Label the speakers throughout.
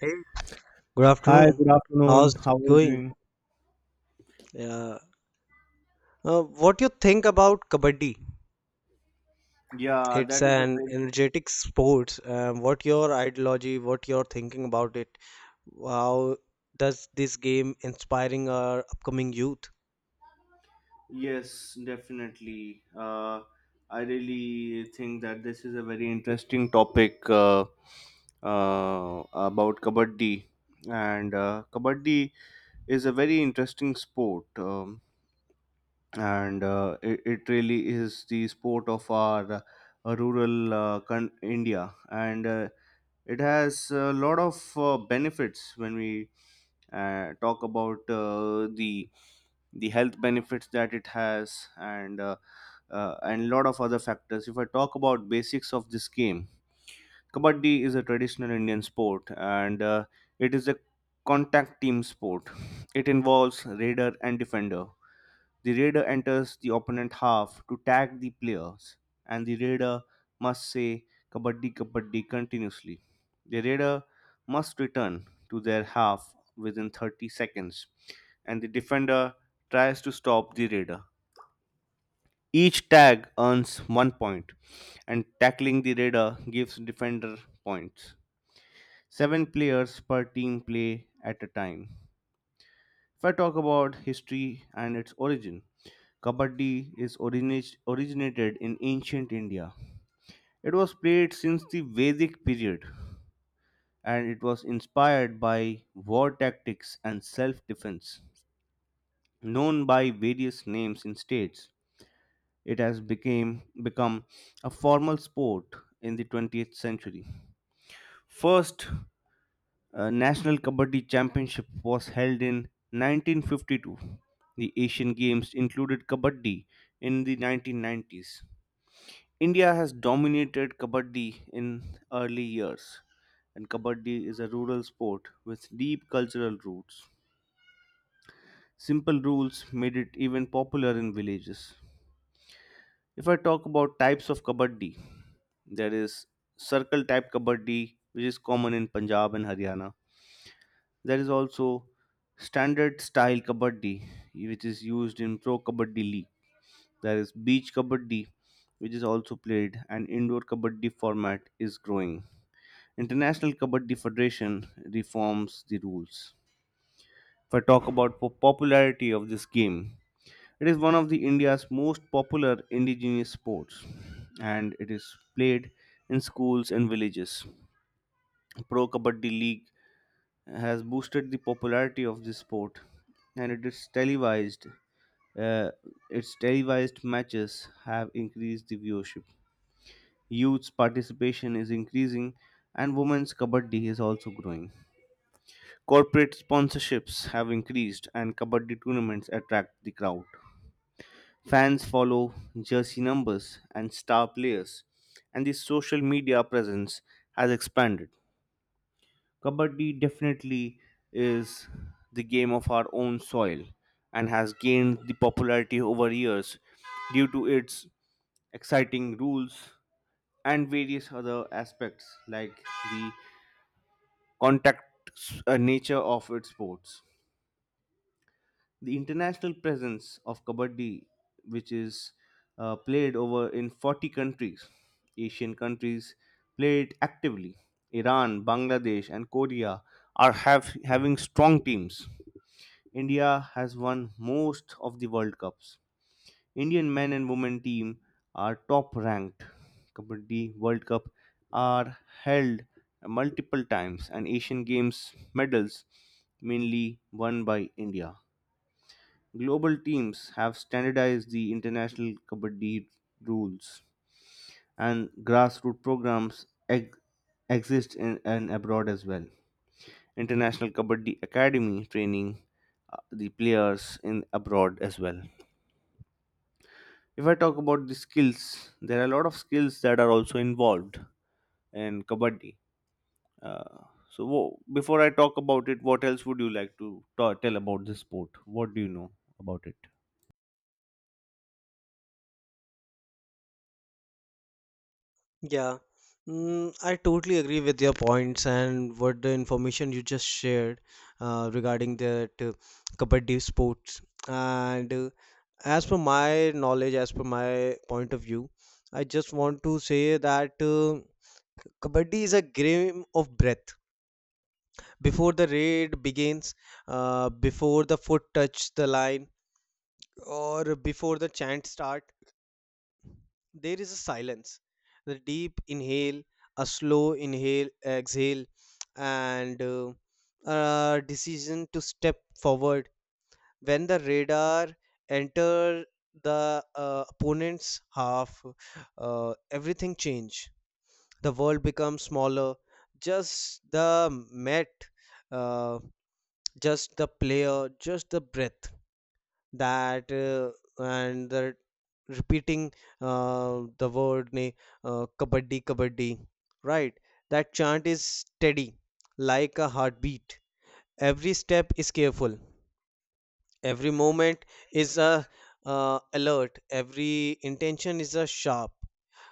Speaker 1: Hey, good
Speaker 2: Hi, good
Speaker 1: afternoon.
Speaker 2: afternoon.
Speaker 1: How's it
Speaker 2: How are you
Speaker 1: going?
Speaker 2: doing?
Speaker 1: Yeah. What you think about kabaddi?
Speaker 2: Yeah,
Speaker 1: It's
Speaker 2: that is a
Speaker 1: an
Speaker 2: very
Speaker 1: energetic sport. What your ideology? What you're thinking about it? How does this game inspiring our upcoming youth?
Speaker 2: Yes, definitely. I really think that this is a very interesting topic about kabaddi, and kabaddi is a very interesting sport, and uh, it really is the sport of our rural India, and it has a lot of benefits when we talk about the health benefits that it has and lot of other factors. If I talk about basics of this game, kabaddi is a traditional Indian sport, and it is a contact team sport. It involves raider and defender. The raider enters the opponent half to tag the players, and the raider must say Kabaddi Kabaddi continuously. The raider must return to their half within 30 seconds, and the defender tries to stop the raider. Each tag earns one point, and tackling the raider gives defender points. Seven players per team play at a time. If I talk about history and its origin, Kabaddi is originated in ancient India. It was played since the Vedic period, and it was inspired by war tactics and self-defense. Known by various names in states, it has become a formal sport in the 20th century. First National Kabaddi Championship was held in 1952. The Asian Games included Kabaddi in the 1990s. India has dominated kabaddi in early years, and kabaddi is a rural sport with deep cultural roots. Simple rules made it even popular in villages. If I talk about types of kabaddi, there is circle type kabaddi, which is common in Punjab and Haryana. There is also standard style kabaddi, which is used in pro kabaddi league. There is beach kabaddi, which is also played, and indoor kabaddi format is growing. International Kabaddi Federation reforms the rules. If I talk about popularity of this game, it is one of the India's most popular indigenous sports, and it is played in schools and villages. Pro Kabaddi League has boosted the popularity of this sport, and it is televised. Uh, its televised matches have increased the viewership. Youth's participation is increasing, and women's kabaddi is also growing. Corporate sponsorships have increased, and Kabaddi tournaments attract the crowd. Fans follow jersey numbers and star players, and the social media presence has expanded. Kabaddi definitely is the game of our own soil and has gained the popularity over years due to its exciting rules and various other aspects like the contact nature of its sports. The international presence of kabaddi, which is played over in 40 countries, Asian countries play it actively. Iran, Bangladesh, and Korea are having strong teams. India has won most of the World Cups. Indian men and women team are top ranked. Kabaddi World Cup are held multiple times, and Asian Games medals mainly won by India. Global teams have standardized the international kabaddi rules, and grassroots programs exist in and abroad as well. International Kabaddi Academy training the players in abroad as well. If I talk about the skills, there are a lot of skills that are also involved in kabaddi. Uh, Before I talk about it, what else would you like to tell about this sport? What do you know about it?
Speaker 1: Yeah, I totally agree with your points and what the information you just shared regarding that Kabaddi sports. And As per my knowledge, as per my point of view, I just want to say that Kabaddi is a game of breath. Before the raid begins, before the foot touch the line, or before the chant start, there is a silence, the deep inhale, a slow inhale exhale, and a decision to step forward. When the radar enter the opponent's half, everything change. The world becomes smaller, just the met, uh, just the player, just the breath, that and the repeating, the word kabaddi kabaddi, right? That chant is steady like a heartbeat. Every step is careful, every moment is a, alert, every intention is a sharp,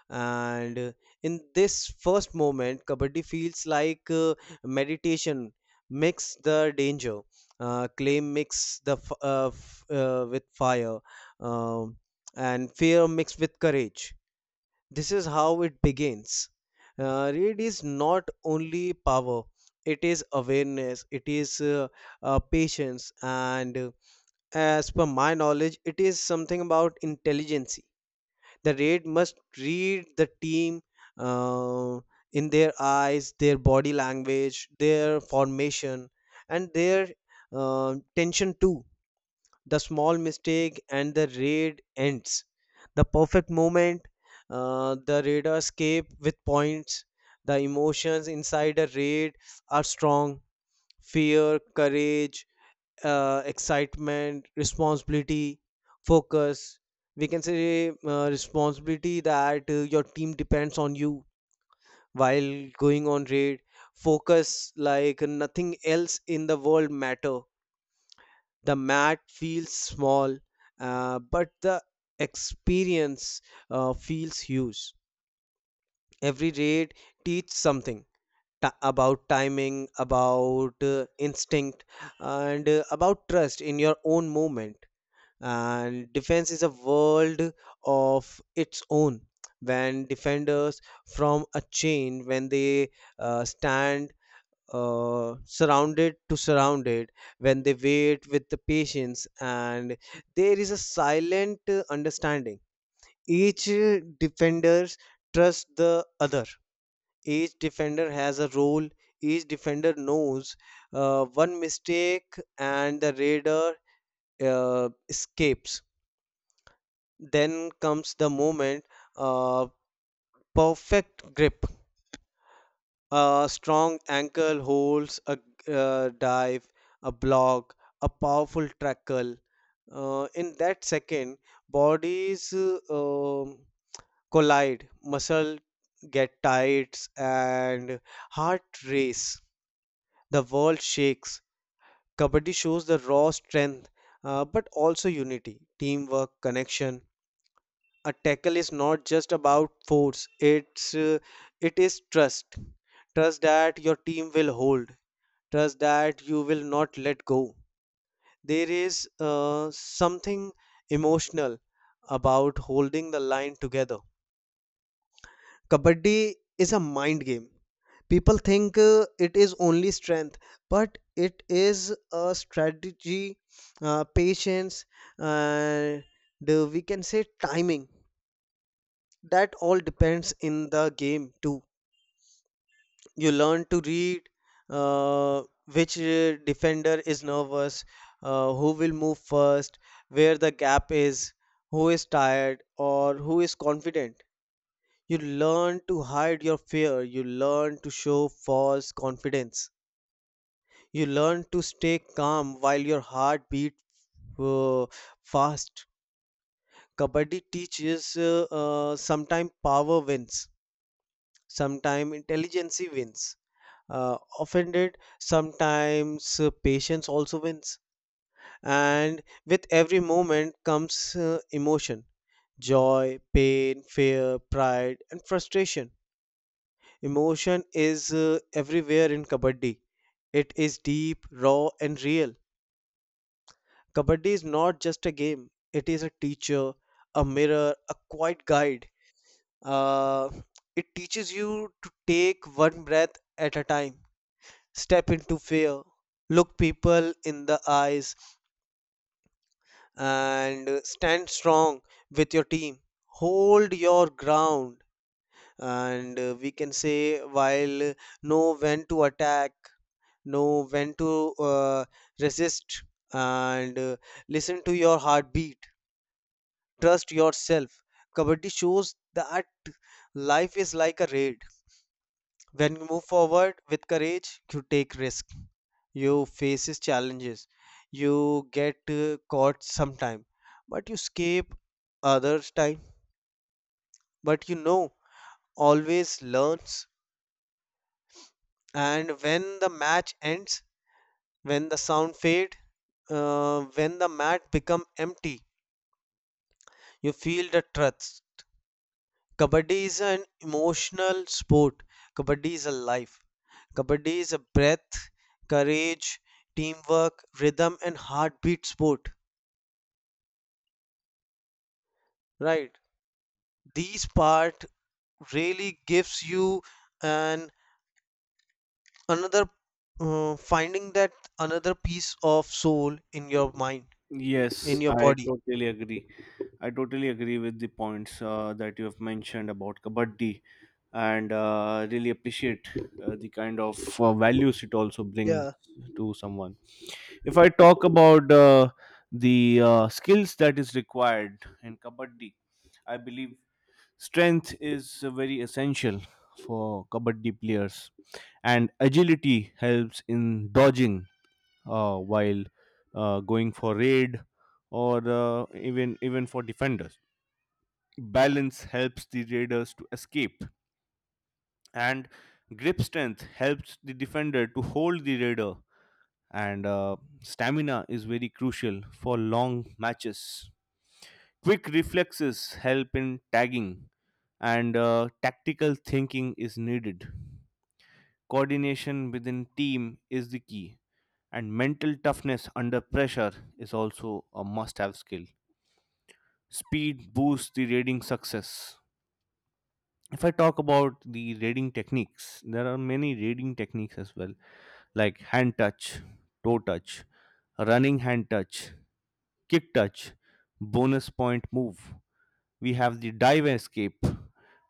Speaker 1: and in this first moment kabaddi feels like meditation mix the danger, clay mix the with fire, um, and fear mixed with courage. This is how it begins. It is not only power, it is awareness, it is patience, and as per my knowledge it is something about intelligence. The raid must read the team, uh, in their eyes, their body language, their formation, and their tension too. The small mistake and the raid ends. The perfect moment, the raider escape with points. The emotions inside a raid are strong: fear, courage, excitement, responsibility, focus. We can say responsibility, that your team depends on you while going on raid. Focus like nothing else in the world matter. The mat feels small, but the experience feels huge. Every raid teach something, about timing, about instinct, and about trust in your own movement. And defense is a world of its own. When defenders from a chain, when they stand surrounded to surrounded, when they wait with the patience, and there is a silent understanding. Each defenders trust the other, each defender has a role, each defender knows one mistake and the raider escapes. Then comes the moment, uh, perfect grip. A strong ankle holds a dive, a block, a powerful tackle. In that second, bodies collide, muscle get tight, and heart race. The world shakes. Kabaddi shows the raw strength, but also unity, teamwork, connection. A tackle is not just about force, it's uh, it is trust. Trust that your team will hold, trust that you will not let go. There is something emotional about holding the line together. Kabaddi is a mind game. People think it is only strength, but it is a strategy, patience, and we can say timing, that all depends in the game too. You learn to read uh, which defender is nervous, who will move first, where the gap is, who is tired or who is confident. You learn to hide your fear, you learn to show false confidence, you learn to stay calm while your heart beats uh, fast. Kabaddi teaches sometimes power wins, sometimes intelligence wins, offended sometimes patience also wins. And with every moment comes emotion: joy, pain, fear, pride, and frustration. Emotion is everywhere in kabaddi. It is deep, raw, and real. Kabaddi is not just a game, it is a teacher, a mirror, a quiet guide. uh, it teaches you to take one breath at a time, step into fear, look people in the eyes, and stand strong with your team. Hold your ground, and we can say while know when to attack, know when to resist, and listen to your heartbeat. Trust yourself. Kabaddi shows that life is like a raid. When you move forward with courage, you take risk, you faces challenges, you get caught sometime, but you escape others time. But you know, always learns. And when the match ends, when the sound fade, when the mat become empty, you feel the truth. Kabaddi is an emotional sport. Kabaddi is a life. Kabaddi is a breath, courage, teamwork, rhythm, and heartbeat sport. Right. These part really gives you an another finding, that another piece of soul in your mind, in
Speaker 2: Yes,
Speaker 1: your
Speaker 2: I
Speaker 1: body.
Speaker 2: totally agree. I totally agree with the points that you have mentioned about Kabaddi, and really appreciate the kind of values it also brings
Speaker 1: Yeah,
Speaker 2: to someone. If I talk about the skills that is required in Kabaddi, I believe strength is very essential for Kabaddi players, and agility helps in dodging while going for raid or uh, even for defenders. Balance helps the raiders to escape, and grip strength helps the defender to hold the raider. And stamina is very crucial for long matches. Quick reflexes help in tagging, and tactical thinking is needed. Coordination within team is the key. And mental toughness under pressure is also a must have skill. Speed boosts the raiding success. If I talk about the raiding techniques, there are many raiding techniques as well, like hand touch, toe touch, running hand touch, kick touch, bonus point move. We have the dive escape.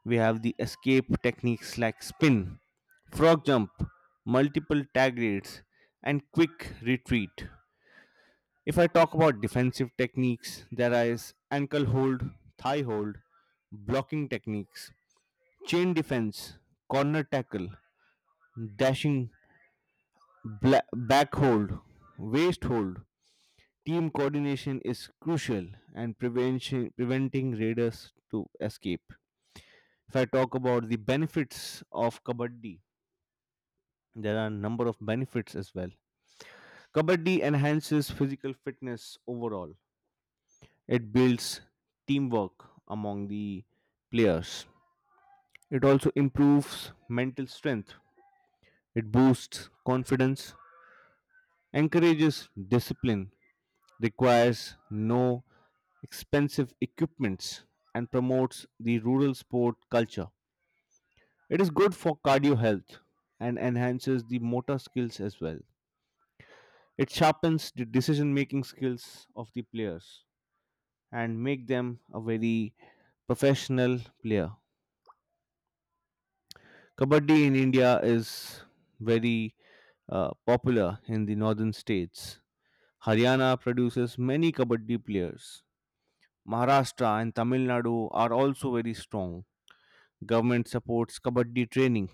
Speaker 2: We have the escape techniques like spin, frog jump, multiple tag raids, and quick retreat. If I talk about defensive techniques, there is ankle hold, thigh hold, blocking techniques, chain defense, corner tackle, dashing, back hold, waist hold. Team coordination is crucial and prevention preventing raiders to escape. If I talk about the benefits of kabaddi, there are a number of benefits as well. Kabaddi enhances physical fitness overall. It builds teamwork among the players. It also improves mental strength. It boosts confidence, encourages discipline, requires no expensive equipments, and promotes the rural sport culture. It is good for cardio health and enhances the motor skills as well. It sharpens the decision making skills of the players and make them a very professional player. Kabaddi in India is very popular in the northern states. Haryana produces many Kabaddi players. Maharashtra and Tamil Nadu are also very strong. Government supports Kabaddi training.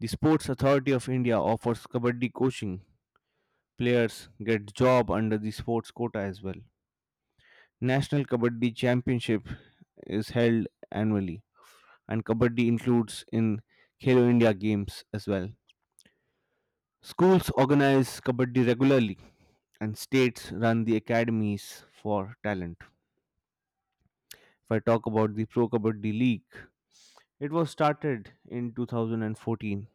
Speaker 2: The Sports Authority of India offers Kabaddi coaching. Players get job under the sports quota as well. National Kabaddi Championship is held annually, and Kabaddi includes in Khelo India games as well. Schools organize kabaddi regularly, and states run the academies for talent. If I talk about the Pro Kabaddi League, it was started in 2014.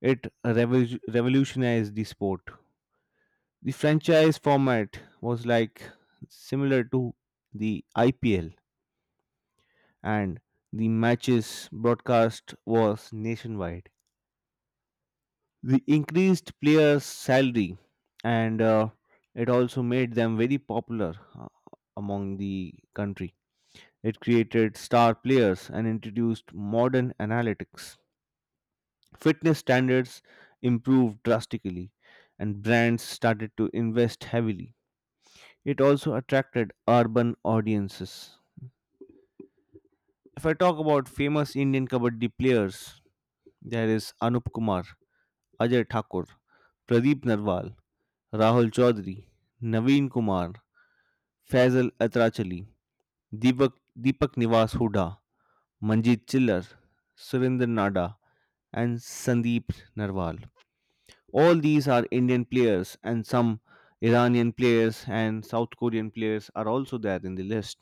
Speaker 2: It revolutionized the sport. The franchise format was like similar to the IPL, and the matches broadcast was nationwide. The increased players' salary, and it also made them very popular uh, among the country. It created star players and introduced modern analytics. Fitness standards improved drastically, and brands started to invest heavily. It also attracted urban audiences. If I talk about famous Indian kabaddi players, there is Anup Kumar, Ajay Thakur, Pradeep Narwal, Rahul Chaudhary, Naveen Kumar, Faisal Atrachali, Deepak, Deepak Nivas Huda, Manjit Chillar, Surinder Nada, and Sandeep Narwal. All these are Indian players, and some Iranian players and South Korean players are also there in the list.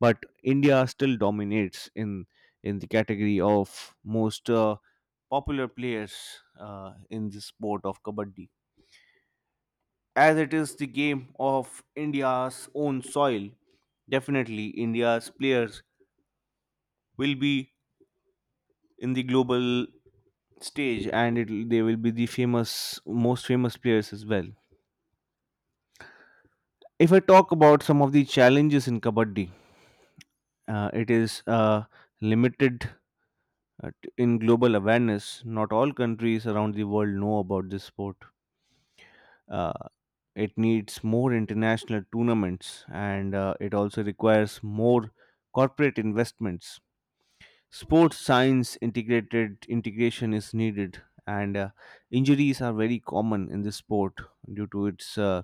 Speaker 2: But India still dominates in the category of most popular players in the sport of kabaddi. As it is the game of India's own soil, definitely India's players will be in the global stage, and it they will be the famous most famous players as well. If I talk about some of the challenges in kabaddi, it is limited in global awareness. Not all countries around the world know about this sport. uh, it needs more international tournaments, and it also requires more corporate investments. Sports science integrated integration is needed, and injuries are very common in this sport due to its uh,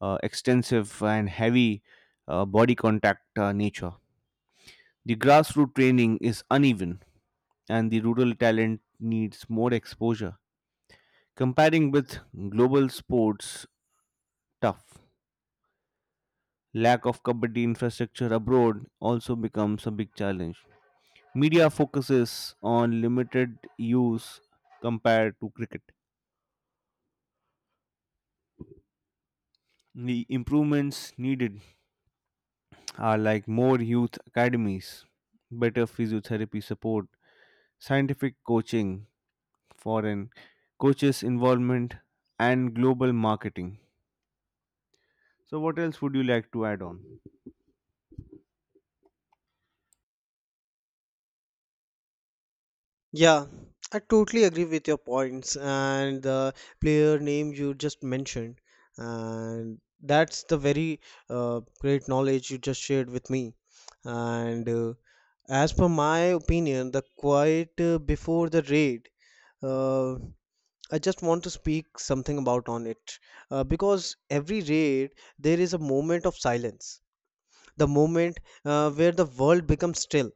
Speaker 2: uh, extensive and heavy body contact nature. The grassroots training is uneven, and the rural talent needs more exposure comparing with global sports. Tough lack of kabaddi infrastructure abroad also becomes a big challenge. Media focuses on limited use compared to cricket. The improvements needed are like more youth academies, better physiotherapy support, scientific coaching, foreign coaches' involvement, and global marketing. So, what else would you like to add on?
Speaker 1: yeah, I totally agree with your points and the player name you just mentioned, and that's the very great knowledge you just shared with me. And As per my opinion, the quiet before the raid, uh, I just want to speak something about on it, because every raid there is a moment of silence, the moment where the world becomes still.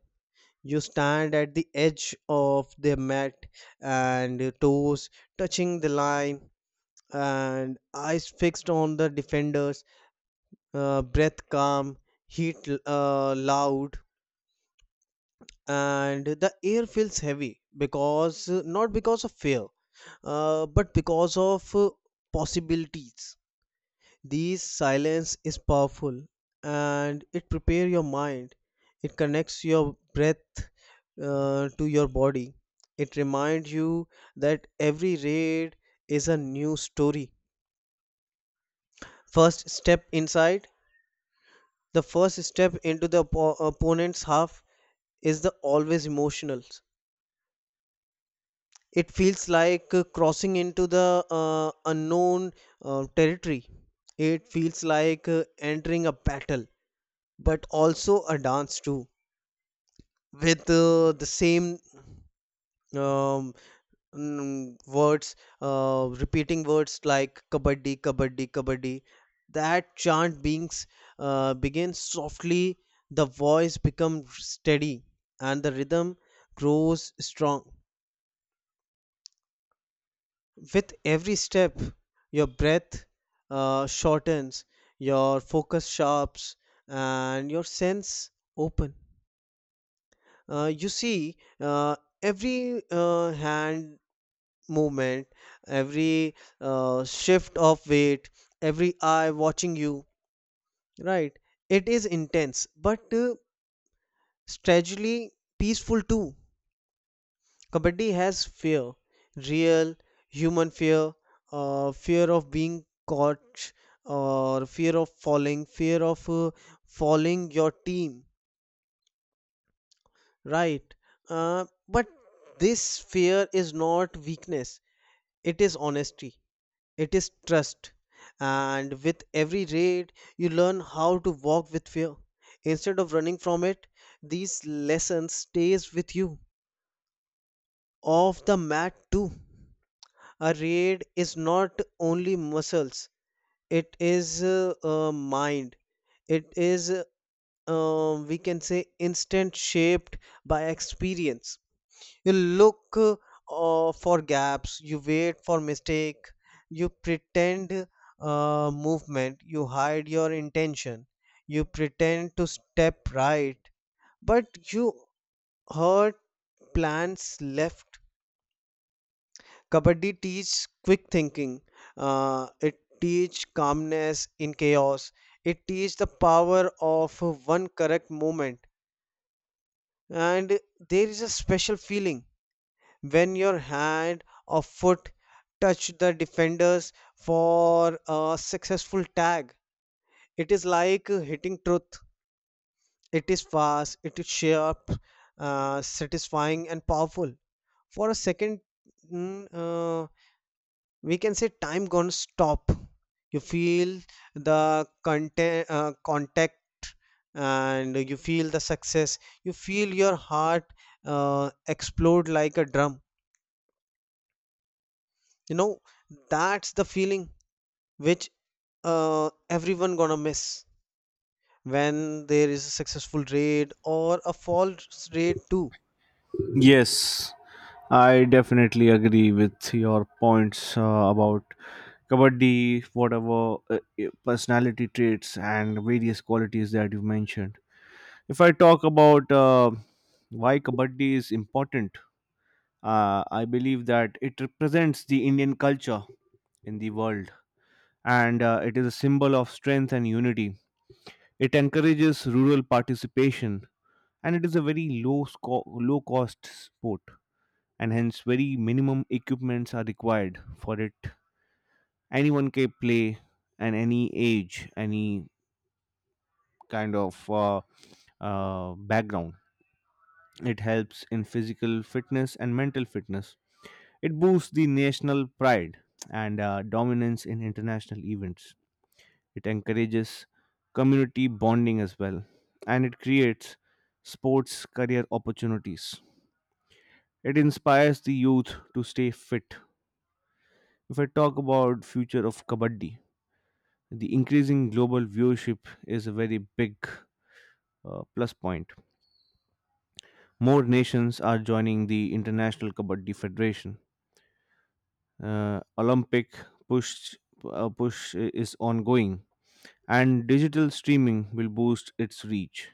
Speaker 1: You stand at the edge of the mat, and your toes touching the line, and eyes fixed on the defenders, breath calm, heat loud, and the air feels heavy, because not because of fear, but because of possibilities. These silence is powerful, and it prepares your mind. It connects your breath to your body. It reminds you that every raid is a new story. First step inside, the first step into the opponent's half is the always emotional. It feels like crossing into the unknown territory. It feels like entering a battle, but also a dance too. With the same um, words, repeating words like kabaddi, kabaddi, kabaddi. That chant beings begins softly. The voice becomes steady, and the rhythm grows strong. With every step, your breath shortens, your focus sharps, and your sense open. You see, every hand movement, every shift of weight, every eye watching you, right? It is intense, but strategically peaceful too. Kabaddi has fear, real human fear, fear of being caught, or fear of falling your team, right? But this fear is not weakness, it is honesty. It is trust. And with every raid, you learn how to walk with fear instead of running from it. These lessons stays with you. Off the mat too. A raid is not only muscles. It is mind. It is we can say instant shaped by experience. You look for gaps, you wait for mistake, you pretend movement, you hide your intention, you pretend to step right, but you hurt plans left. Kabaddi teaches quick thinking. It teaches calmness in chaos. It teaches the power of one correct moment. And there is a special feeling when your hand or foot touch the defenders for a successful tag. It is like hitting truth. It is fast, it is sharp, satisfying, and powerful. For a second, mm, uh, we can say time gonna stop. You feel the contact, and you feel the success. You feel your heart explode like a drum. You know, that's the feeling which everyone gonna miss when there is a successful raid or a false raid too.
Speaker 2: Yes, I definitely agree with your points about kabaddi, whatever personality traits and various qualities that you mentioned. If I talk about why kabaddi is important, I believe that it represents the Indian culture in the world, and it is a symbol of strength and unity. It encourages rural participation, and it is a very low cost sport, and hence very minimum equipments are required for it. Anyone can play, and any age, any kind of background. It helps in physical fitness and mental fitness. It boosts the national pride and dominance in international events. It encourages community bonding as well, and it creates sports career opportunities. It inspires the youth to stay fit. If I talk about future of kabaddi, the increasing global viewership is a very big plus point. More nations are joining the International Kabaddi Federation. Olympic push push is ongoing, and digital streaming will boost its reach.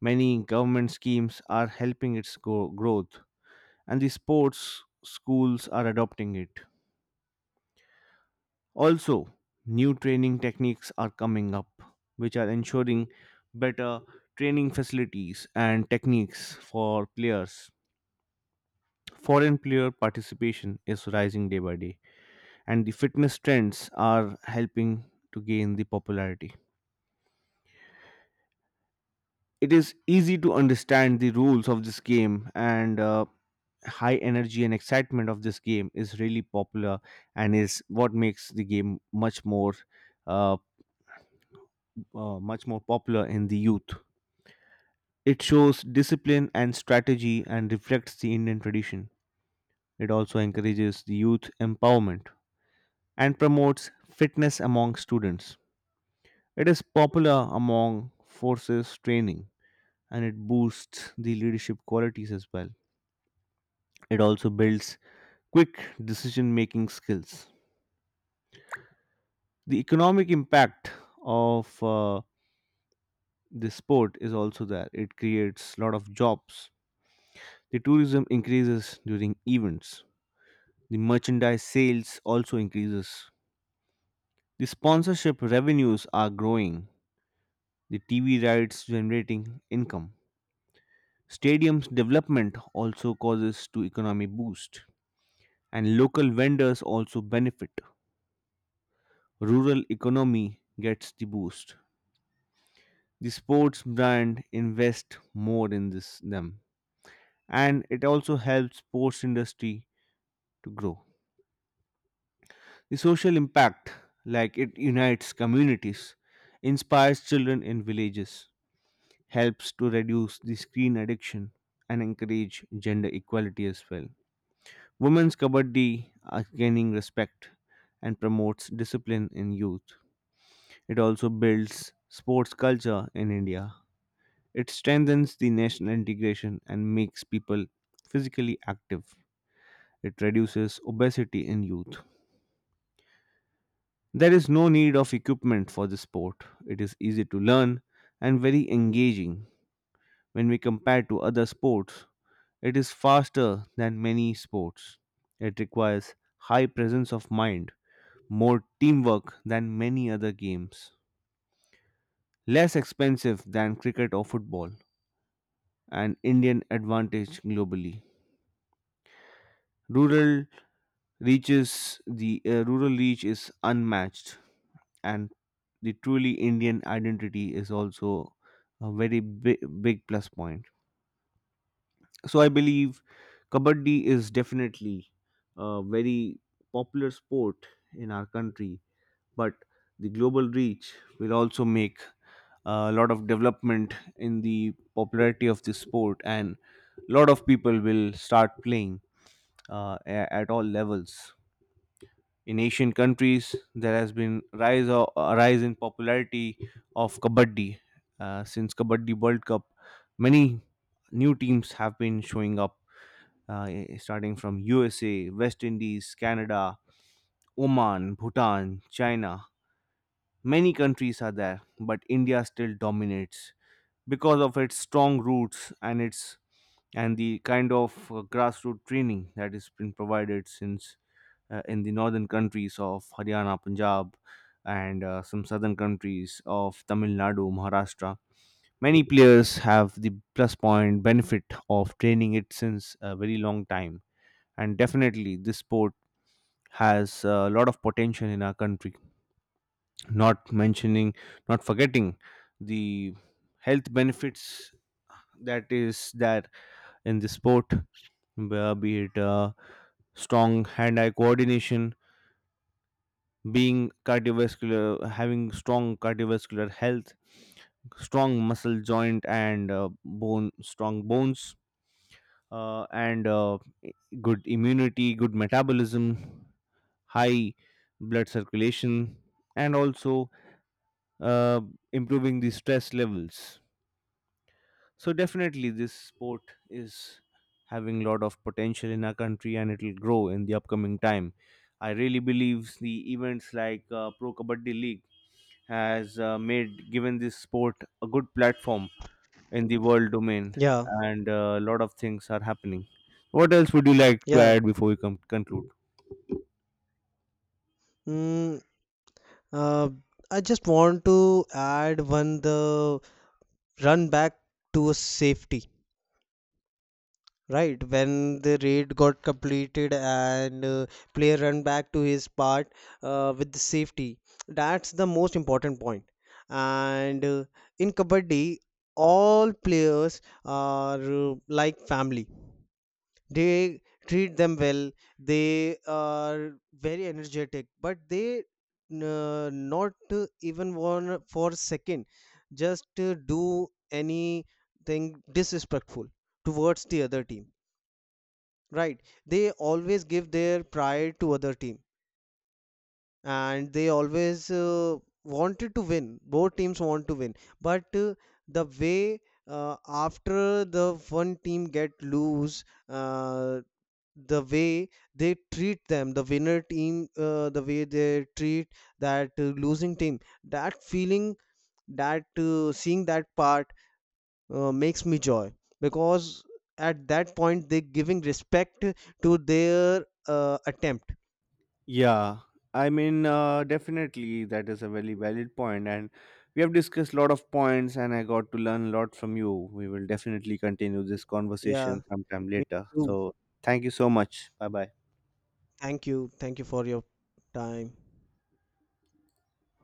Speaker 2: Many government schemes are helping its growth, and the sports schools are adopting it. Also, new training techniques are coming up, which are ensuring better training facilities and techniques for players. Foreign player participation is rising day by day, and the fitness trends are helping to gain the popularity. It is easy to understand the rules of this game, and high energy and excitement of this game is really popular and is what makes the game uh, much more popular in the youth. It shows discipline and strategy and reflects the Indian tradition. It also encourages the youth empowerment and promotes fitness among students. It is popular among forces training, and it boosts the leadership qualities as well. It also builds quick decision making skills. The economic impact of this sport is also there. It creates a lot of jobs. The tourism increases during events. The merchandise sales also increases. The sponsorship revenues are growing, the TV rights generating income. Stadiums development also causes to economy boost, and local vendors also benefit. Rural economy gets the boost. The sports brand invest more in this them, and it also helps sports industry to grow. The social impact, like it unites communities, inspires children in villages, helps to reduce the screen addiction and encourage gender equality as well. Women's kabaddi are gaining respect and promotes discipline in youth. It also builds sports culture in India. It strengthens the national integration and makes people physically active. It reduces obesity in youth. There is no need of equipment for this sport. It is easy to learn and very engaging when we compare to other sports. It is faster than many sports. It requires high presence of mind, more teamwork than many other games, less expensive than cricket or football, and Indian advantage globally. Rural Rural reach is unmatched, and the truly Indian identity is also a very big plus point. So I believe kabaddi is definitely a very popular sport in our country, but the global reach will also make a lot of development in the popularity of this sport, and a lot of people will start playing at all levels. In asian countries there has been a rise in popularity of kabaddi since kabaddi world cup many new teams have been showing up, starting from USA, West Indies, Canada, Oman, Bhutan, China. Many countries are there, but India still dominates because of its strong roots and its and the kind of grassroots training that has been provided since in the northern countries of Haryana, Punjab, and some southern countries of Tamil Nadu, Maharashtra. Many players have the plus point benefit of training it since a very long time, and definitely this sport has a lot of potential in our country. not mentioning Not forgetting the health benefits, that is that in the sport, where be it strong hand eye coordination, being cardiovascular having strong cardiovascular health, strong muscle joint and bone strong bones, and good immunity, good metabolism, high blood circulation, and also uh, improving the stress levels. So definitely, this sport is having a lot of potential in our country, and it will grow in the upcoming time. I really believe the events like Pro Kabaddi League has made given this sport a good platform in the world domain,
Speaker 1: Yeah,
Speaker 2: and a lot of things are happening. What else would you like to
Speaker 1: yeah,
Speaker 2: add before we come conclude?
Speaker 1: mm, uh, I just want to add one, the run back to a safety, right? When the raid got completed, and player run back to his part with the safety, that's the most important point. And In kabaddi all players are like family. They treat them well, they are very energetic, but they not even one for a second just do anything disrespectful towards the other team, right? They always give their pride to other team, and they always wanted to win. Both teams want to win, but the way, after the one team get lose, the way they treat them, the winner team, the way they treat that losing team, that feeling, that seeing that part makes me joy, because at that point they're giving respect to their attempt.
Speaker 2: Yeah, I mean, definitely that is a very valid point, and we have discussed a lot of points, and I got to learn a lot from you. We will definitely continue this
Speaker 1: Yeah,
Speaker 2: conversation sometime
Speaker 1: me
Speaker 2: later.
Speaker 1: too.
Speaker 2: So, thank you so much. Bye bye.
Speaker 1: Thank you, thank you for your time.